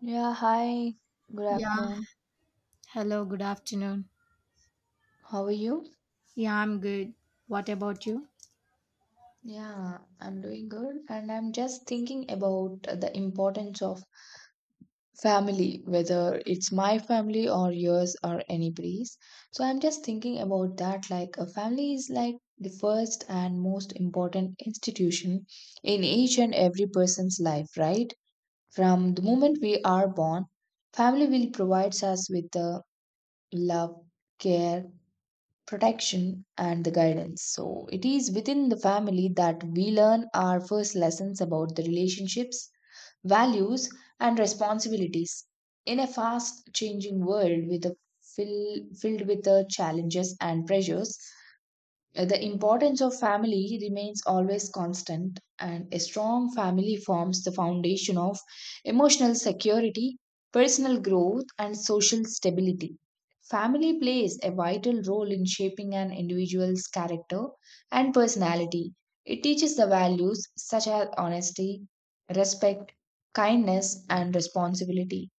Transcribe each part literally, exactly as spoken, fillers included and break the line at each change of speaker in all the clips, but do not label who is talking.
Yeah, hi. Good
Yeah,
afternoon.
hello, good afternoon.
How are you?
Yeah, I'm good. What about you?
Yeah, I'm doing good. And I'm just thinking about the importance of family, whether it's my family or yours or anybody's. So I'm just thinking about that. Like, a family is like the first and most important institution in each and every person's life, right? From the moment we are born, family will provides us with the love, care, protection and the guidance. So it is within the family that we learn our first lessons about the relationships, values, and responsibilities. In a fast changing world with a fill, filled with the challenges and pressures, uh, the importance of family remains always constant, and a strong family forms the foundation of emotional security, personal growth, and social stability. Family plays a vital role in shaping an individual's character and personality. It teaches the values such as honesty, respect, kindness, and responsibility.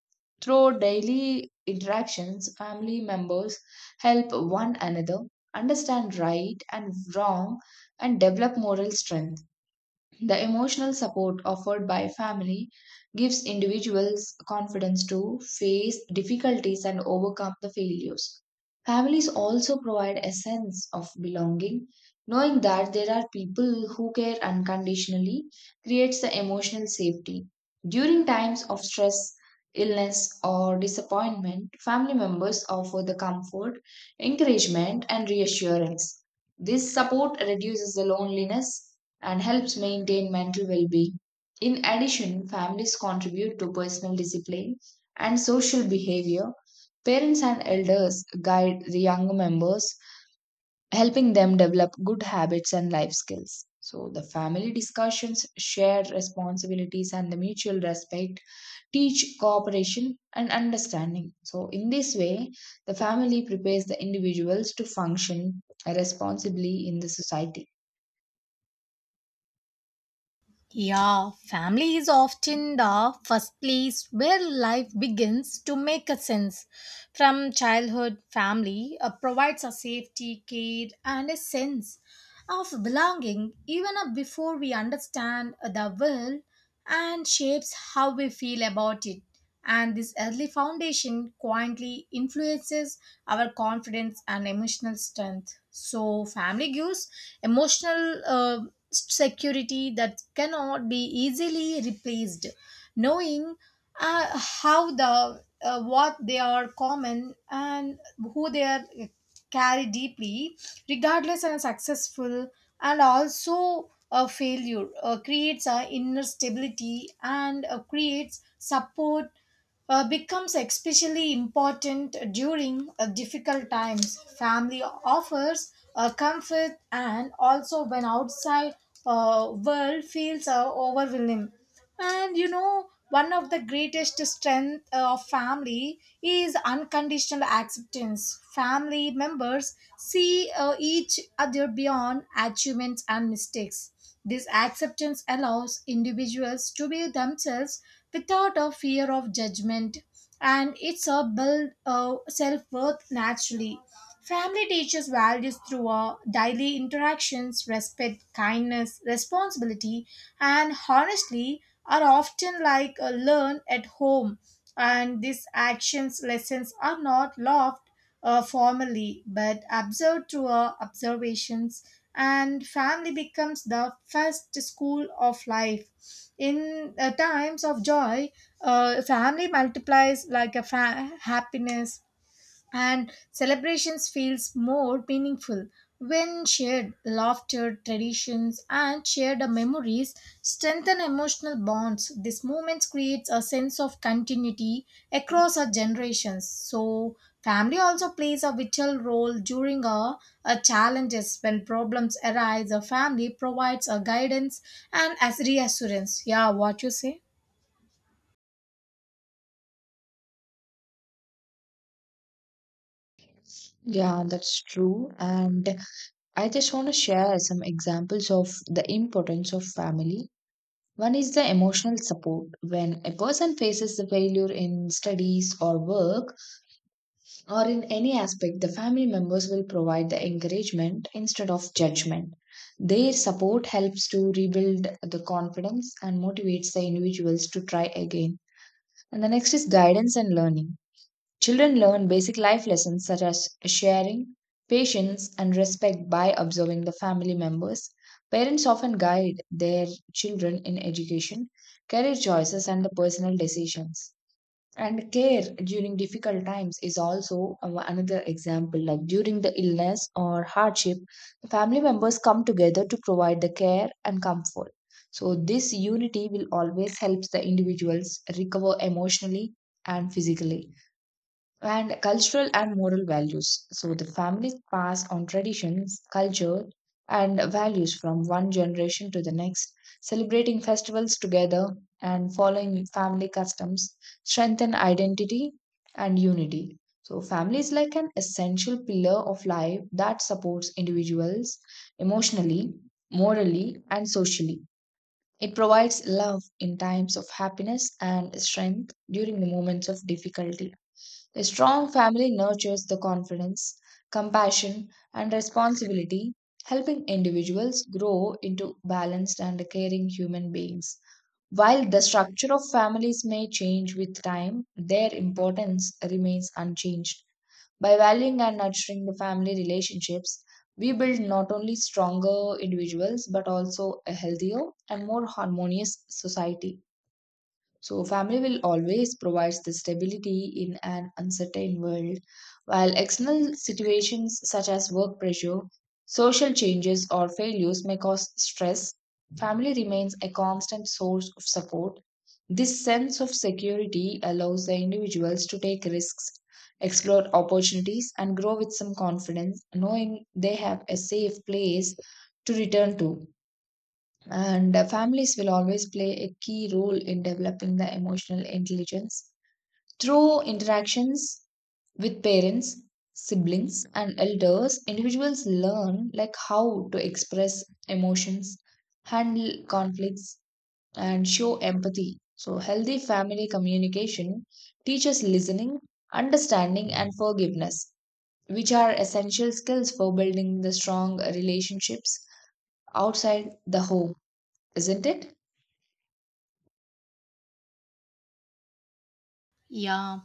Through daily interactions, family members help one another, understand right and wrong, and develop moral strength. The emotional support offered by family gives individuals confidence to face difficulties and overcome the failures. Families also provide a sense of belonging. Knowing that there are people who care unconditionally creates the emotional safety. During times of stress, illness, or disappointment, family members offer the comfort, encouragement, and reassurance. This support reduces the loneliness and helps maintain mental well being. In addition, families contribute to personal discipline and social behavior. Parents and elders guide the younger members, helping them develop good habits and life skills. So, the family discussions, shared responsibilities, and the mutual respect teach cooperation and understanding. So, in this way, the family prepares the individuals to function responsibly in the society.
Yeah, family is often the first place where life begins to make a sense. From childhood, family uh, provides a safety, care, and a sense of belonging even uh, before we understand uh, the world and shapes how we feel about it. And this early foundation quietly influences our confidence and emotional strength. So, family gives emotional uh, security that cannot be easily replaced. Knowing uh, how the uh, what they are common and who they are carry deeply, regardless of successful and also a failure. Uh, creates a inner stability and uh, creates support. Uh, becomes especially important during uh, difficult times. Family offers uh, comfort and also when outside uh, world feels uh, overwhelming. And you know, one of the greatest strength uh, of family is unconditional acceptance. Family members see uh, each other beyond achievements and mistakes. This acceptance allows individuals to be themselves without a fear of judgment, and it's a build uh, self worth naturally. Family teaches values through our daily interactions, respect, kindness, responsibility, and honestly are often like a learn at home. And these actions lessons are not loved uh, formally but observed through our observations. And family becomes the first school of life. In uh, times of joy, uh, family multiplies like a fa- happiness and celebrations feels more meaningful when shared laughter, traditions, and shared memories strengthen emotional bonds. These moments creates a sense of continuity across our generations. So family also plays a vital role during our, our challenges. When problems arise, a family provides a guidance and as reassurance. Yeah, what you say?
Yeah, that's true. And I just want to share some examples of the importance of family. One is the emotional support. When a person faces the failure in studies or work or in any aspect, the family members will provide the encouragement instead of judgment. Their support helps to rebuild the confidence and motivates the individuals to try again. And the next is guidance and learning. Children learn basic life lessons such as sharing, patience, and respect by observing the family members. Parents often guide their children in education, career choices, and the personal decisions. And care during difficult times is also a- another example. Like during the illness or hardship, the family members come together to provide the care and comfort. So, this unity will always help the individuals recover emotionally and physically and cultural and moral values. So the families pass on traditions, culture, and values from one generation to the next. Celebrating festivals together and following family customs strengthen identity and unity. So, family is like an essential pillar of life that supports individuals emotionally, morally, and socially. It provides love in times of happiness and strength during the moments of difficulty. A strong family nurtures the confidence, compassion, and responsibility, helping individuals grow into balanced and caring human beings. While the structure of families may change with time, their importance remains unchanged. By valuing and nurturing the family relationships, we build not only stronger individuals but also a healthier and more harmonious society. So, family will always provide the stability in an uncertain world, while external situations such as work pressure, social changes, or failures may cause stress. Family remains a constant source of support. This sense of security allows the individuals to take risks, explore opportunities, and grow with some confidence, knowing they have a safe place to return to, and uh, families will always play a key role in developing the emotional intelligence through interactions with parents, siblings, and elders. Individuals learn like how to express emotions, handle conflicts, and show empathy. So healthy family communication teaches listening, understanding, and forgiveness, which are essential skills for building the strong relationships outside the home, isn't it?
Yeah.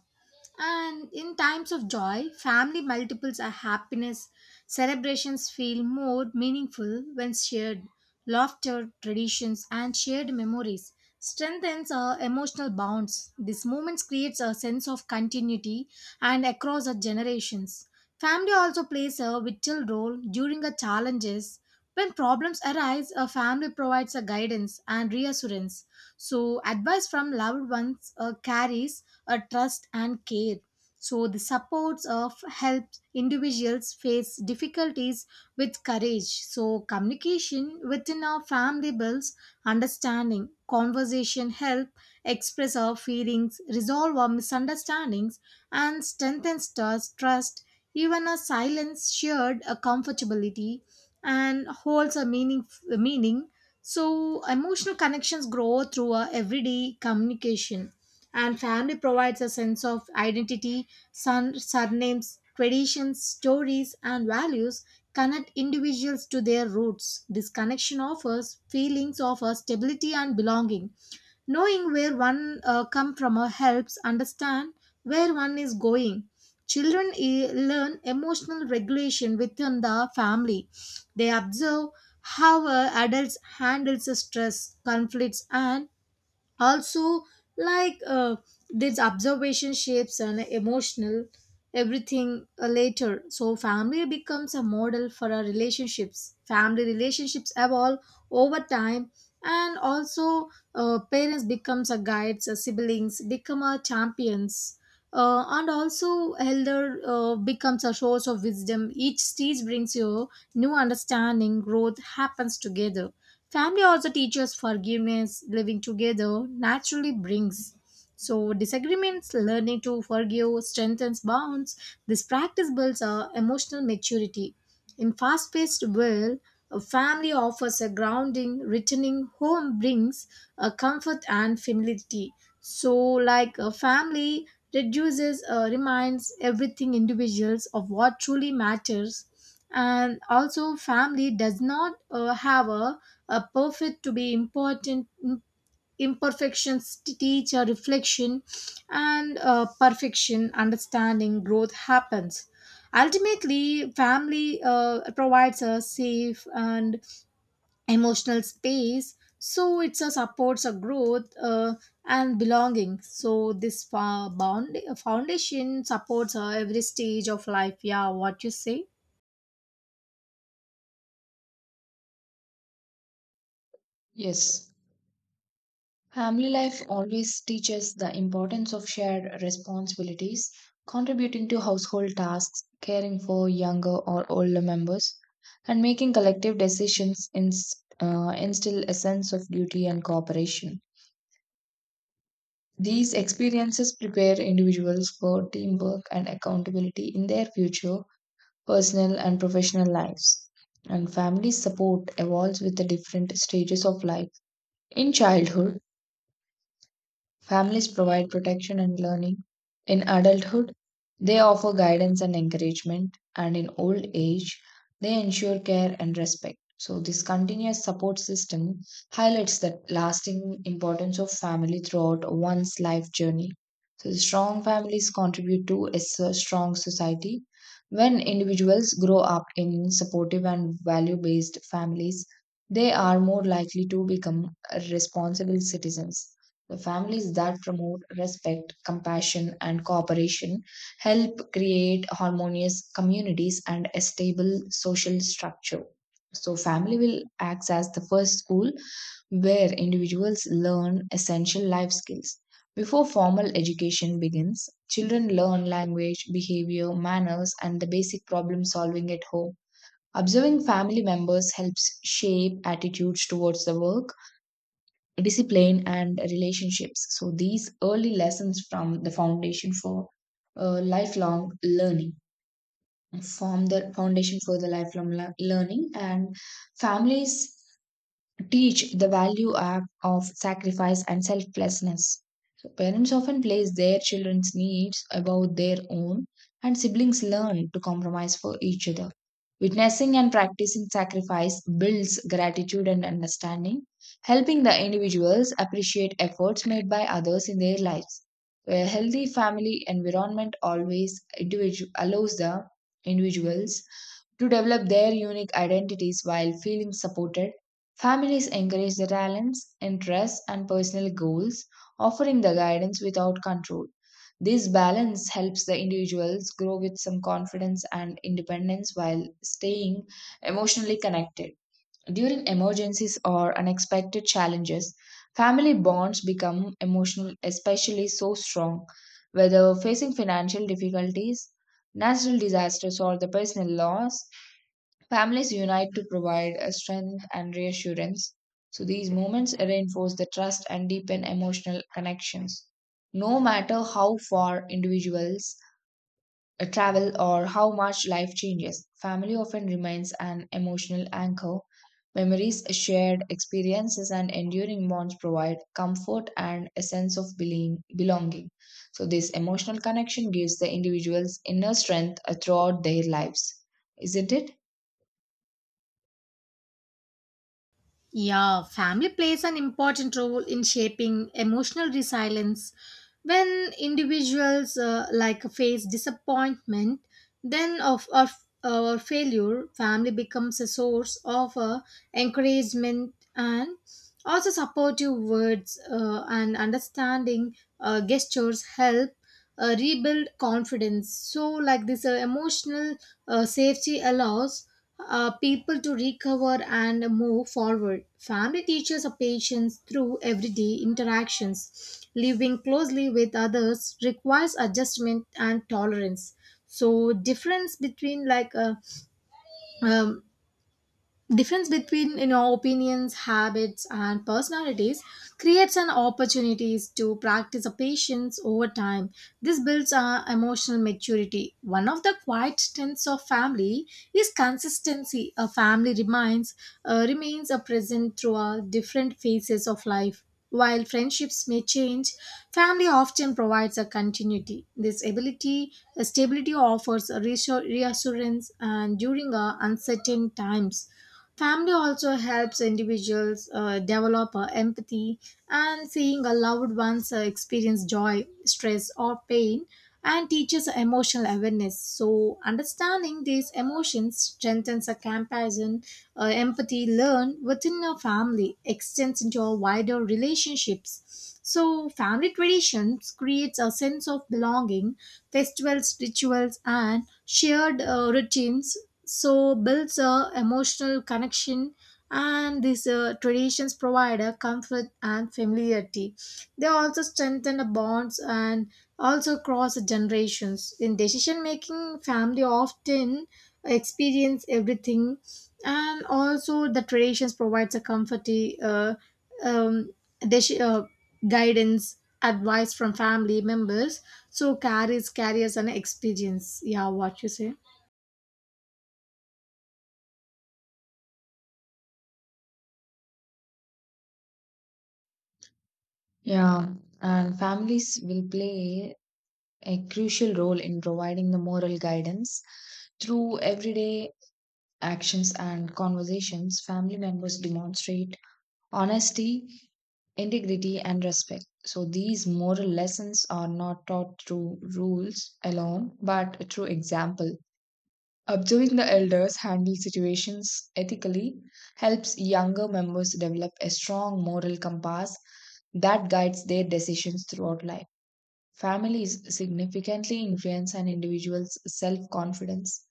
And in times of joy, family multiples our happiness. Celebrations feel more meaningful when shared. Laughter, traditions, and shared memories strengthens our emotional bonds. These moments creates a sense of continuity and across our generations. Family also plays a vital role during the challenges. When problems arise, a family provides a guidance and reassurance. So, advice from loved ones uh, carries uh, trust and care. So the supports of helps individuals face difficulties with courage. So communication within our family builds understanding. Conversation help express our feelings, resolve our misunderstandings, and strengthens trust. trust. Even a silence shared a comfortability and holds a meaning meaning. So emotional connections grow through our everyday communication, and family provides a sense of identity, son, surnames, traditions, stories, and values connect individuals to their roots. This connection offers feelings of uh, stability and belonging. Knowing where one uh, come from uh, helps understand where one is going. Children e- learn emotional regulation within the family. They observe how uh, adults handles the stress, conflicts, and also like uh, this observation shapes an emotional everything uh, later. So family becomes a model for our relationships. Family relationships evolve over time, and also uh, parents becomes a guides, uh, siblings become a champions, uh, and also elder uh, becomes a source of wisdom. Each stage brings you new understanding. Growth happens together. Family also teaches forgiveness. Living together naturally brings so disagreements. Learning to forgive strengthens bonds. This practice builds uh, emotional maturity. In fast-paced world, a family offers a grounding. Returning home brings a comfort and familiarity. So, like a family reduces, uh, reminds everything individuals of what truly matters. And also, family does not uh, have a, a perfect to be important. Imperfections teach a reflection and uh, perfection understanding. Growth happens. Ultimately, family uh, provides a safe and emotional space, so it uh, supports a growth uh, and belonging. So this uh, bound- foundation supports uh, every stage of life. Yeah, what you say?
Yes. Family life always teaches the importance of shared responsibilities, contributing to household tasks, caring for younger or older members, and making collective decisions inst- uh, instill a sense of duty and cooperation. These experiences prepare individuals for teamwork and accountability in their future personal and professional lives. And family support evolves with the different stages of life. In childhood, families provide protection and learning. In adulthood, they offer guidance and encouragement, and in old age, they ensure care and respect. So, this continuous support system highlights the lasting importance of family throughout one's life journey. So, the strong families contribute to a s- strong society. When individuals grow up in supportive and value based families, they are more likely to become responsible citizens. The families that promote respect, compassion, and cooperation help create harmonious communities and a stable social structure. So, family will act as the first school where individuals learn essential life skills. Before formal education begins, children learn language, behavior, manners, and the basic problem solving at home. Observing family members helps shape attitudes towards the work discipline and relationships. So these early lessons from the foundation for uh, lifelong learning form the foundation for the lifelong le- learning, and families teach the value of of sacrifice and selflessness. So parents often place their children's needs above their own, and siblings learn to compromise for each other. Witnessing and practicing sacrifice builds gratitude and understanding, helping the individuals appreciate efforts made by others in their lives. A healthy family environment always individu- allows the individuals to develop their unique identities while feeling supported. Families encourage the talents, interests, and personal goals, offering the guidance without control. This balance helps the individuals grow with some confidence and independence while staying emotionally connected. During emergencies or unexpected challenges, family bonds become emotional, especially so strong. Whether facing financial difficulties, natural disasters, or the personal loss, families unite to provide a strength and reassurance. So these moments reinforce the trust and deepen emotional connections. No matter how far individuals uh, travel or how much life changes, family often remains an emotional anchor. Memories, shared experiences, and enduring bonds provide comfort and a sense of beling- belonging. So, this emotional connection gives the individuals inner strength uh, throughout their lives, isn't it?
Yeah, family plays an important role in shaping emotional resilience. When individuals uh, like face disappointment, then of or, or failure, family becomes a source of uh, encouragement, and also supportive words uh, and understanding uh, gestures help uh, rebuild confidence. So, like this uh, emotional uh, safety allows uh, people to recover and move forward. Family teaches a patience through everyday interactions. Living closely with others requires adjustment and tolerance. So difference between like a difference between you know opinions, habits, and personalities creates an opportunities to practice a patience. Over time, this builds our emotional maturity. One of the quiet strengths of family is consistency. A family remains uh, remains a present through our different phases of life. While friendships may change, family often provides a continuity. This ability, uh, stability offers a reassur- reassurance and during uh, uncertain times. Family also helps individuals uh, develop uh, empathy, and seeing a loved one's uh, experience joy, stress, or pain and teaches emotional awareness. So, understanding these emotions strengthens a comparison. Uh, empathy learned within a family extends into our wider relationships. So, family traditions creates a sense of belonging, festivals, rituals, and shared uh, routines. So, builds a emotional connection, and these uh, traditions provide a comfort and familiarity. They also strengthen the bonds and also cross generations. In decision making, family often experience everything, and also the traditions provides a comfort, uh, um, deci- uh, guidance, advice from family members. So carries carries an experience. Yeah, what you say?
Yeah, and families will play a crucial role in providing the moral guidance. Through everyday actions and conversations, family members demonstrate honesty, integrity, and respect. So, these moral lessons are not taught through rules alone, but through example. Observing the elders handle situations ethically helps younger members develop a strong moral compass that guides their decisions throughout life. Families significantly influence an individual's self confidence.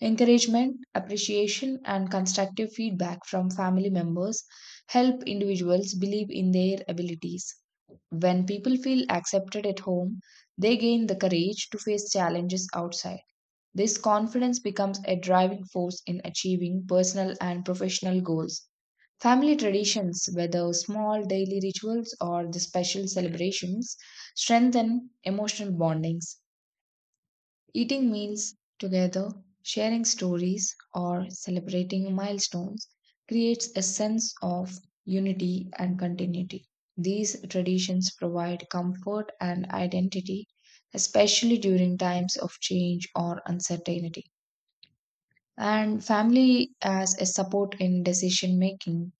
Encouragement, appreciation, and constructive feedback from family members help individuals believe in their abilities. When people feel accepted at home, they gain the courage to face challenges outside. This confidence becomes a driving force in achieving personal and professional goals. Family traditions, whether small daily rituals or the special celebrations, strengthen emotional bondings. Eating meals together, sharing stories, or celebrating milestones creates a sense of unity and continuity. These traditions provide comfort and identity, especially during times of change or uncertainty. And family as a support in decision making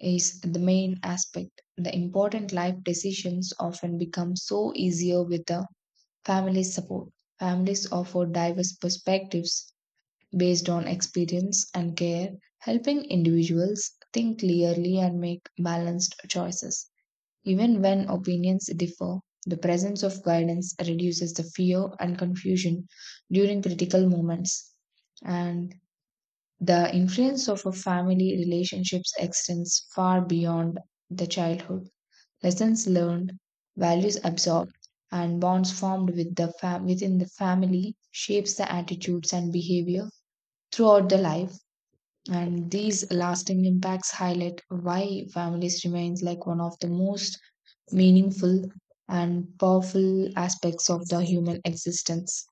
is the main aspect. The important life decisions often become so easier with the family's support. Families offer diverse perspectives based on experience and care, helping individuals think clearly and make balanced choices. Even when opinions differ, the presence of guidance reduces the fear and confusion during critical moments. And the influence of a family relationships extends far beyond the childhood. Lessons learned, values absorbed, and bonds formed with the fam- within the family shapes the attitudes and behavior throughout the life. And these lasting impacts highlight why families remains like one of the most meaningful and powerful aspects of the human existence.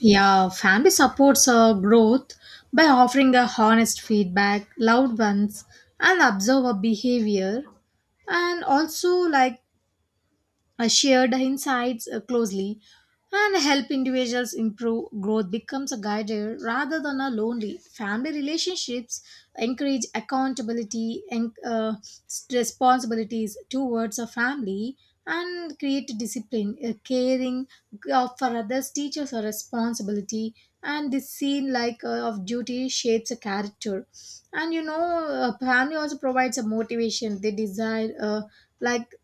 Yeah, family supports uh, growth by offering a honest feedback, loved ones, and observer behavior, and also like uh, shared insights uh, closely and help individuals improve. Growth becomes a guider rather than a lonely. Family relationships encourage accountability and uh, responsibilities towards a family and create discipline. Uh, caring uh, for others teaches a responsibility, and this scene like uh, of duty shapes a character. And you know, a family also provides a motivation. They desire uh, like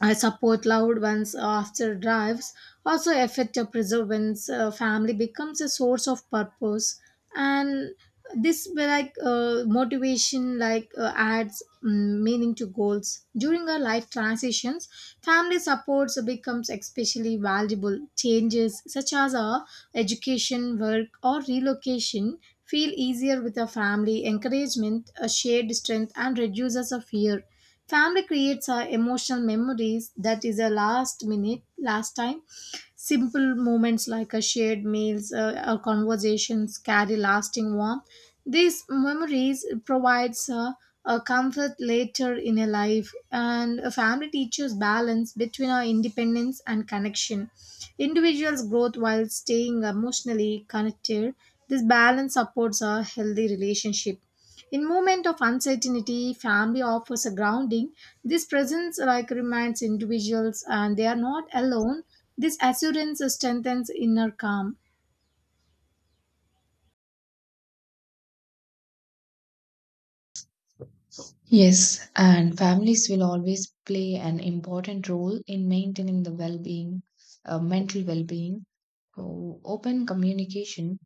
I support loud ones after drives, also affect your preserve once. Uh, family becomes a source of purpose, and this be like uh, motivation like uh, adds mm, meaning to goals. During our life transitions, family supports becomes especially valuable. Changes such as our education, work, or relocation feel easier with a family encouragement, a shared strength, and reduces a fear. Family creates uh, emotional memories that is a last minute, last time. Simple moments like a shared meals uh, or conversations carry lasting warmth. These memories provides uh, a comfort later in a life. And a family teaches balance between our independence and connection. Individuals growth while staying emotionally connected. This balance supports a healthy relationship. In moment of uncertainty, family offers a grounding. This presence like reminds individuals and they are not alone. This assurance strengthens inner calm.
Yes, and families will always play an important role in maintaining the well being, uh, mental well being. So, open communication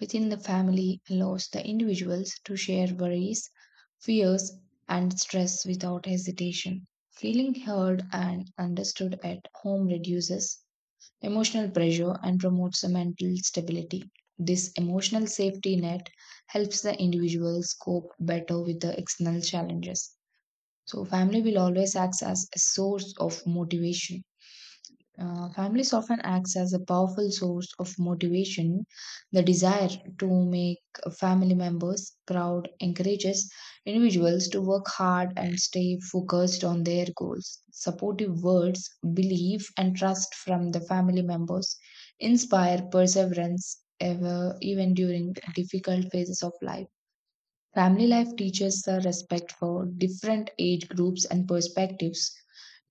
within the family allows the individuals to share worries, fears, and stress without hesitation. Feeling heard and understood at home reduces emotional pressure and promotes the mental stability. This emotional safety net helps the individuals cope better with the external challenges. So family will always act as a source of motivation. Uh, families often acts as a powerful source of motivation. The desire to make family members proud encourages individuals to work hard and stay focused on their goals. Supportive words, belief, and trust from the family members inspire perseverance ever, even during difficult phases of life. Family life teaches the respect for different age groups and perspectives.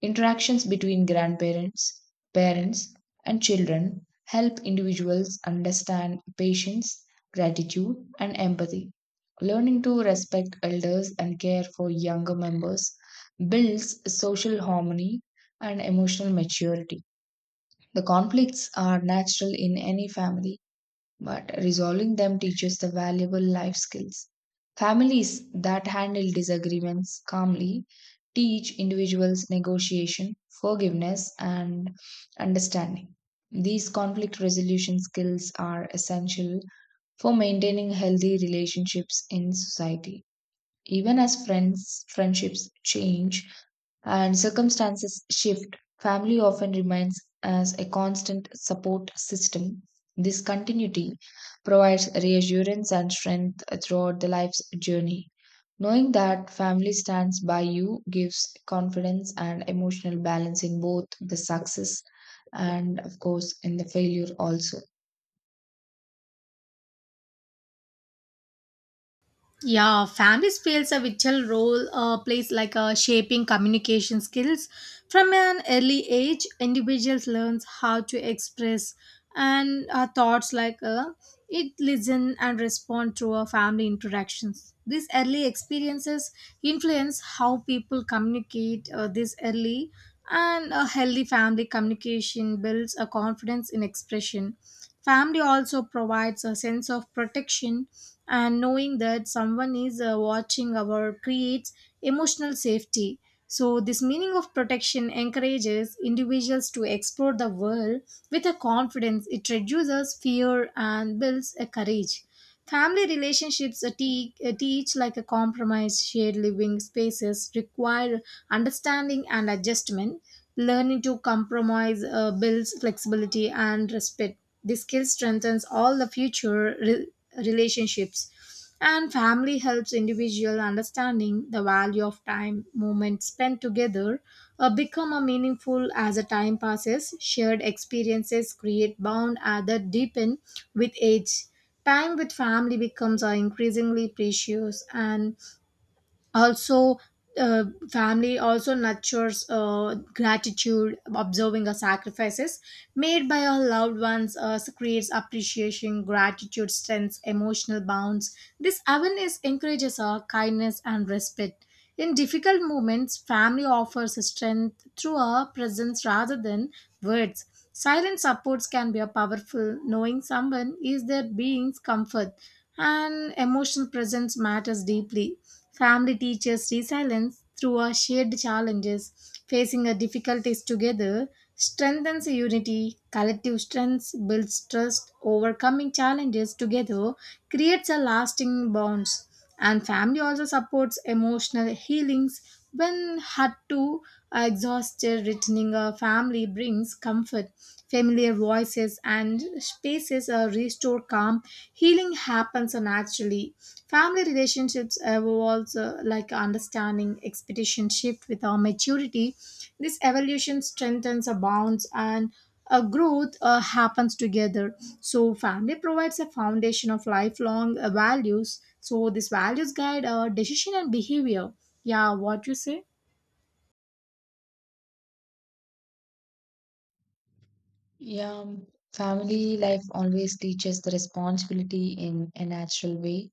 Interactions between grandparents, parents, and children help individuals understand patience, gratitude, and empathy. Learning to respect elders and care for younger members builds social harmony and emotional maturity. The conflicts are natural in any family but resolving them teaches the valuable life skills. Families that handle disagreements calmly teach individuals negotiation, forgiveness, and understanding. These conflict resolution skills are essential for maintaining healthy relationships in society. Even as friends, friendships change and circumstances shift, family often remains as a constant support system. This continuity provides reassurance and strength throughout the life's journey. Knowing that family stands by you gives confidence and emotional balance in both the success and, of course, in the failure also.
Yeah, families plays a vital role, uh, plays like uh, shaping communication skills. From an early age, individuals learns how to express and uh, thoughts like uh, it listen and respond through our family interactions. These early experiences influence how people communicate uh, this early, and a healthy family communication builds a confidence in expression. Family also provides a sense of protection, and knowing that someone is uh, watching our creates emotional safety. So, this meaning of protection encourages individuals to explore the world with a confidence. It reduces fear and builds a courage. Family relationships uh, te- uh, teach like a compromise. Shared living spaces require understanding and adjustment. Learning to compromise uh, builds flexibility and respect. This skill strengthens all the future re- relationships. And family helps individual understanding the value of time. Moments spent together uh, become a meaningful as the time passes. Shared experiences create bond uh, that deepen with age. Time with family becomes uh, increasingly precious, and also uh, family also nurtures uh, gratitude. Observing the sacrifices made by our loved ones uh, so creates appreciation. Gratitude strengthens emotional bonds. This awareness encourages our kindness and respect. In difficult moments, family offers strength through our presence rather than words. Silent supports can be a powerful. Knowing someone is their being's comfort and emotional presence matters deeply. Family teaches resilience through our shared challenges. Facing our difficulties together strengthens unity. Collective strength builds trust. Overcoming challenges together creates a lasting bonds. And family also supports emotional healings. When had to uh, exhausted, returning a family brings comfort. Familiar voices and spaces uh, restore calm. Healing happens naturally. Family relationships evolve uh, like understanding. Expectation shift with our maturity. This evolution strengthens our bonds, and a growth uh, happens together. So family provides a foundation of lifelong uh, values. So this values guide our decision and behavior. Yeah, what you say?
Yeah, family life always teaches the responsibility in a natural way.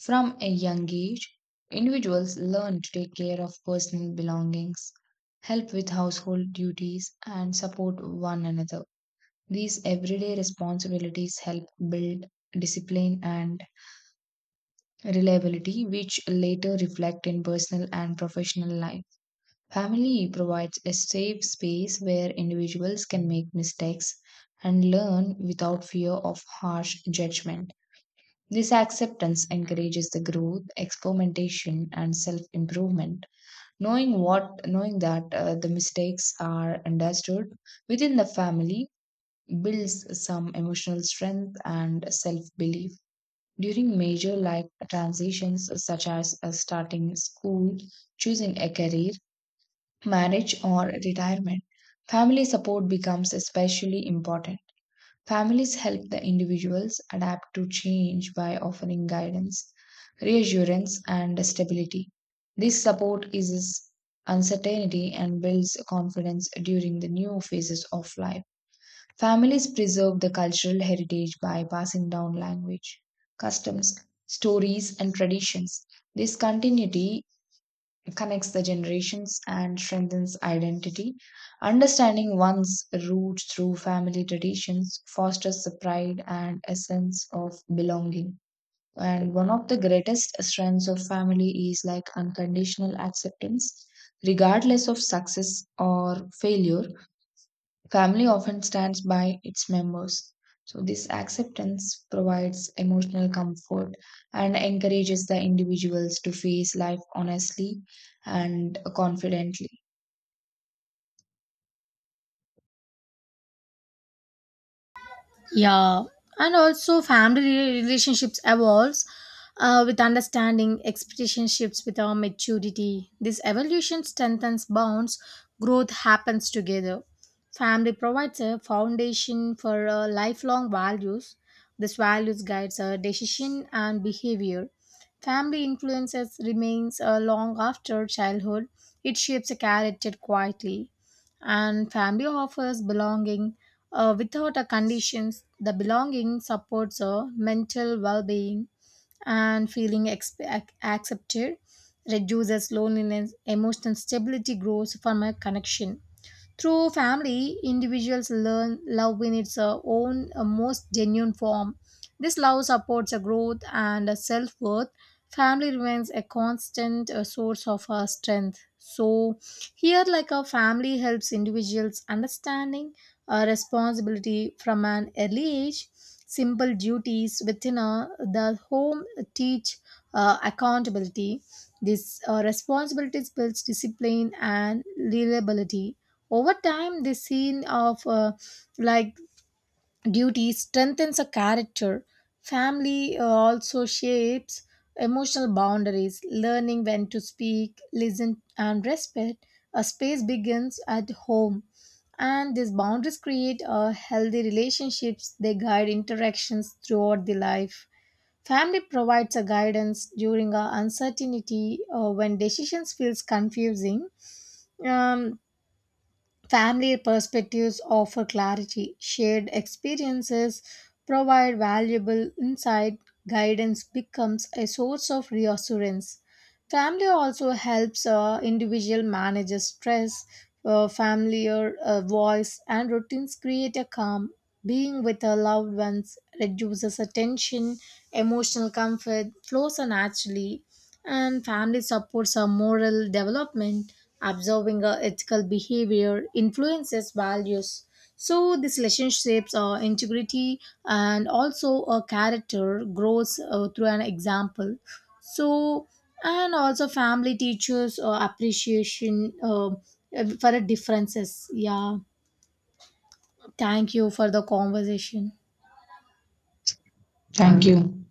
From a young age, individuals learn to take care of personal belongings, help with household duties, and support one another. These everyday responsibilities help build discipline and reliability, which later reflect in personal and professional life. Family provides a safe space where individuals can make mistakes and learn without fear of harsh judgment. This acceptance encourages the growth, experimentation, and self improvement. Knowing what, knowing that uh, the mistakes are understood within the family builds some emotional strength and self belief. During major life transitions, such as uh, starting school, choosing a career, marriage, or retirement, family support becomes especially important. Families help the individuals adapt to change by offering guidance, reassurance, and stability. This support eases uncertainty and builds confidence during the new phases of life. Families preserve the cultural heritage by passing down language, customs, stories, and traditions. This continuity connects the generations and strengthens identity. Understanding one's roots through family traditions fosters the pride and a sense of belonging. And one of the greatest strengths of family is like unconditional acceptance, regardless of success or failure. Family often stands by its members. So, this acceptance provides emotional comfort and encourages the individuals to face life honestly and confidently.
Yeah, and also family re- relationships evolves uh, with understanding. Expectation shifts with our maturity. This evolution strengthens bonds. Growth happens together. Family provides a foundation for uh, lifelong values. This values guides our decision and behavior. Family influences remains uh, long after childhood. It shapes a character quietly, and family offers belonging uh, without a conditions. The belonging supports a mental well-being, and feeling exp- ac- accepted, reduces loneliness. Emotional stability grows from a connection. Through family, individuals learn love in its uh, own uh, most genuine form. This love supports a growth and self worth. Family remains a constant uh, source of uh, strength. So, here, like a family helps individuals understanding a responsibility from an early age. Simple duties within a, the home teach uh, accountability. This uh, responsibilities builds discipline and reliability. Over time, the scene of uh, like duty strengthens a character. Family uh, also shapes emotional boundaries, learning when to speak, listen, and respect. A space begins at home, and these boundaries create a healthy relationships. They guide interactions throughout the life. Family provides a guidance during a uncertainty uh, when decisions feels confusing. Um, Family perspectives offer clarity. Shared experiences provide valuable insight. Guidance becomes a source of reassurance. Family also helps uh, individual manage stress. Uh, familiar uh, voice and routines create a calm. Being with our loved ones reduces attention. Emotional comfort flows naturally, and family supports our moral development. Observing our ethical behavior influences values, so these relationships are integrity, and also a character grows uh, through an example. So and also family teaches or appreciation uh, for the differences. Yeah, thank you for the conversation.
Thank you.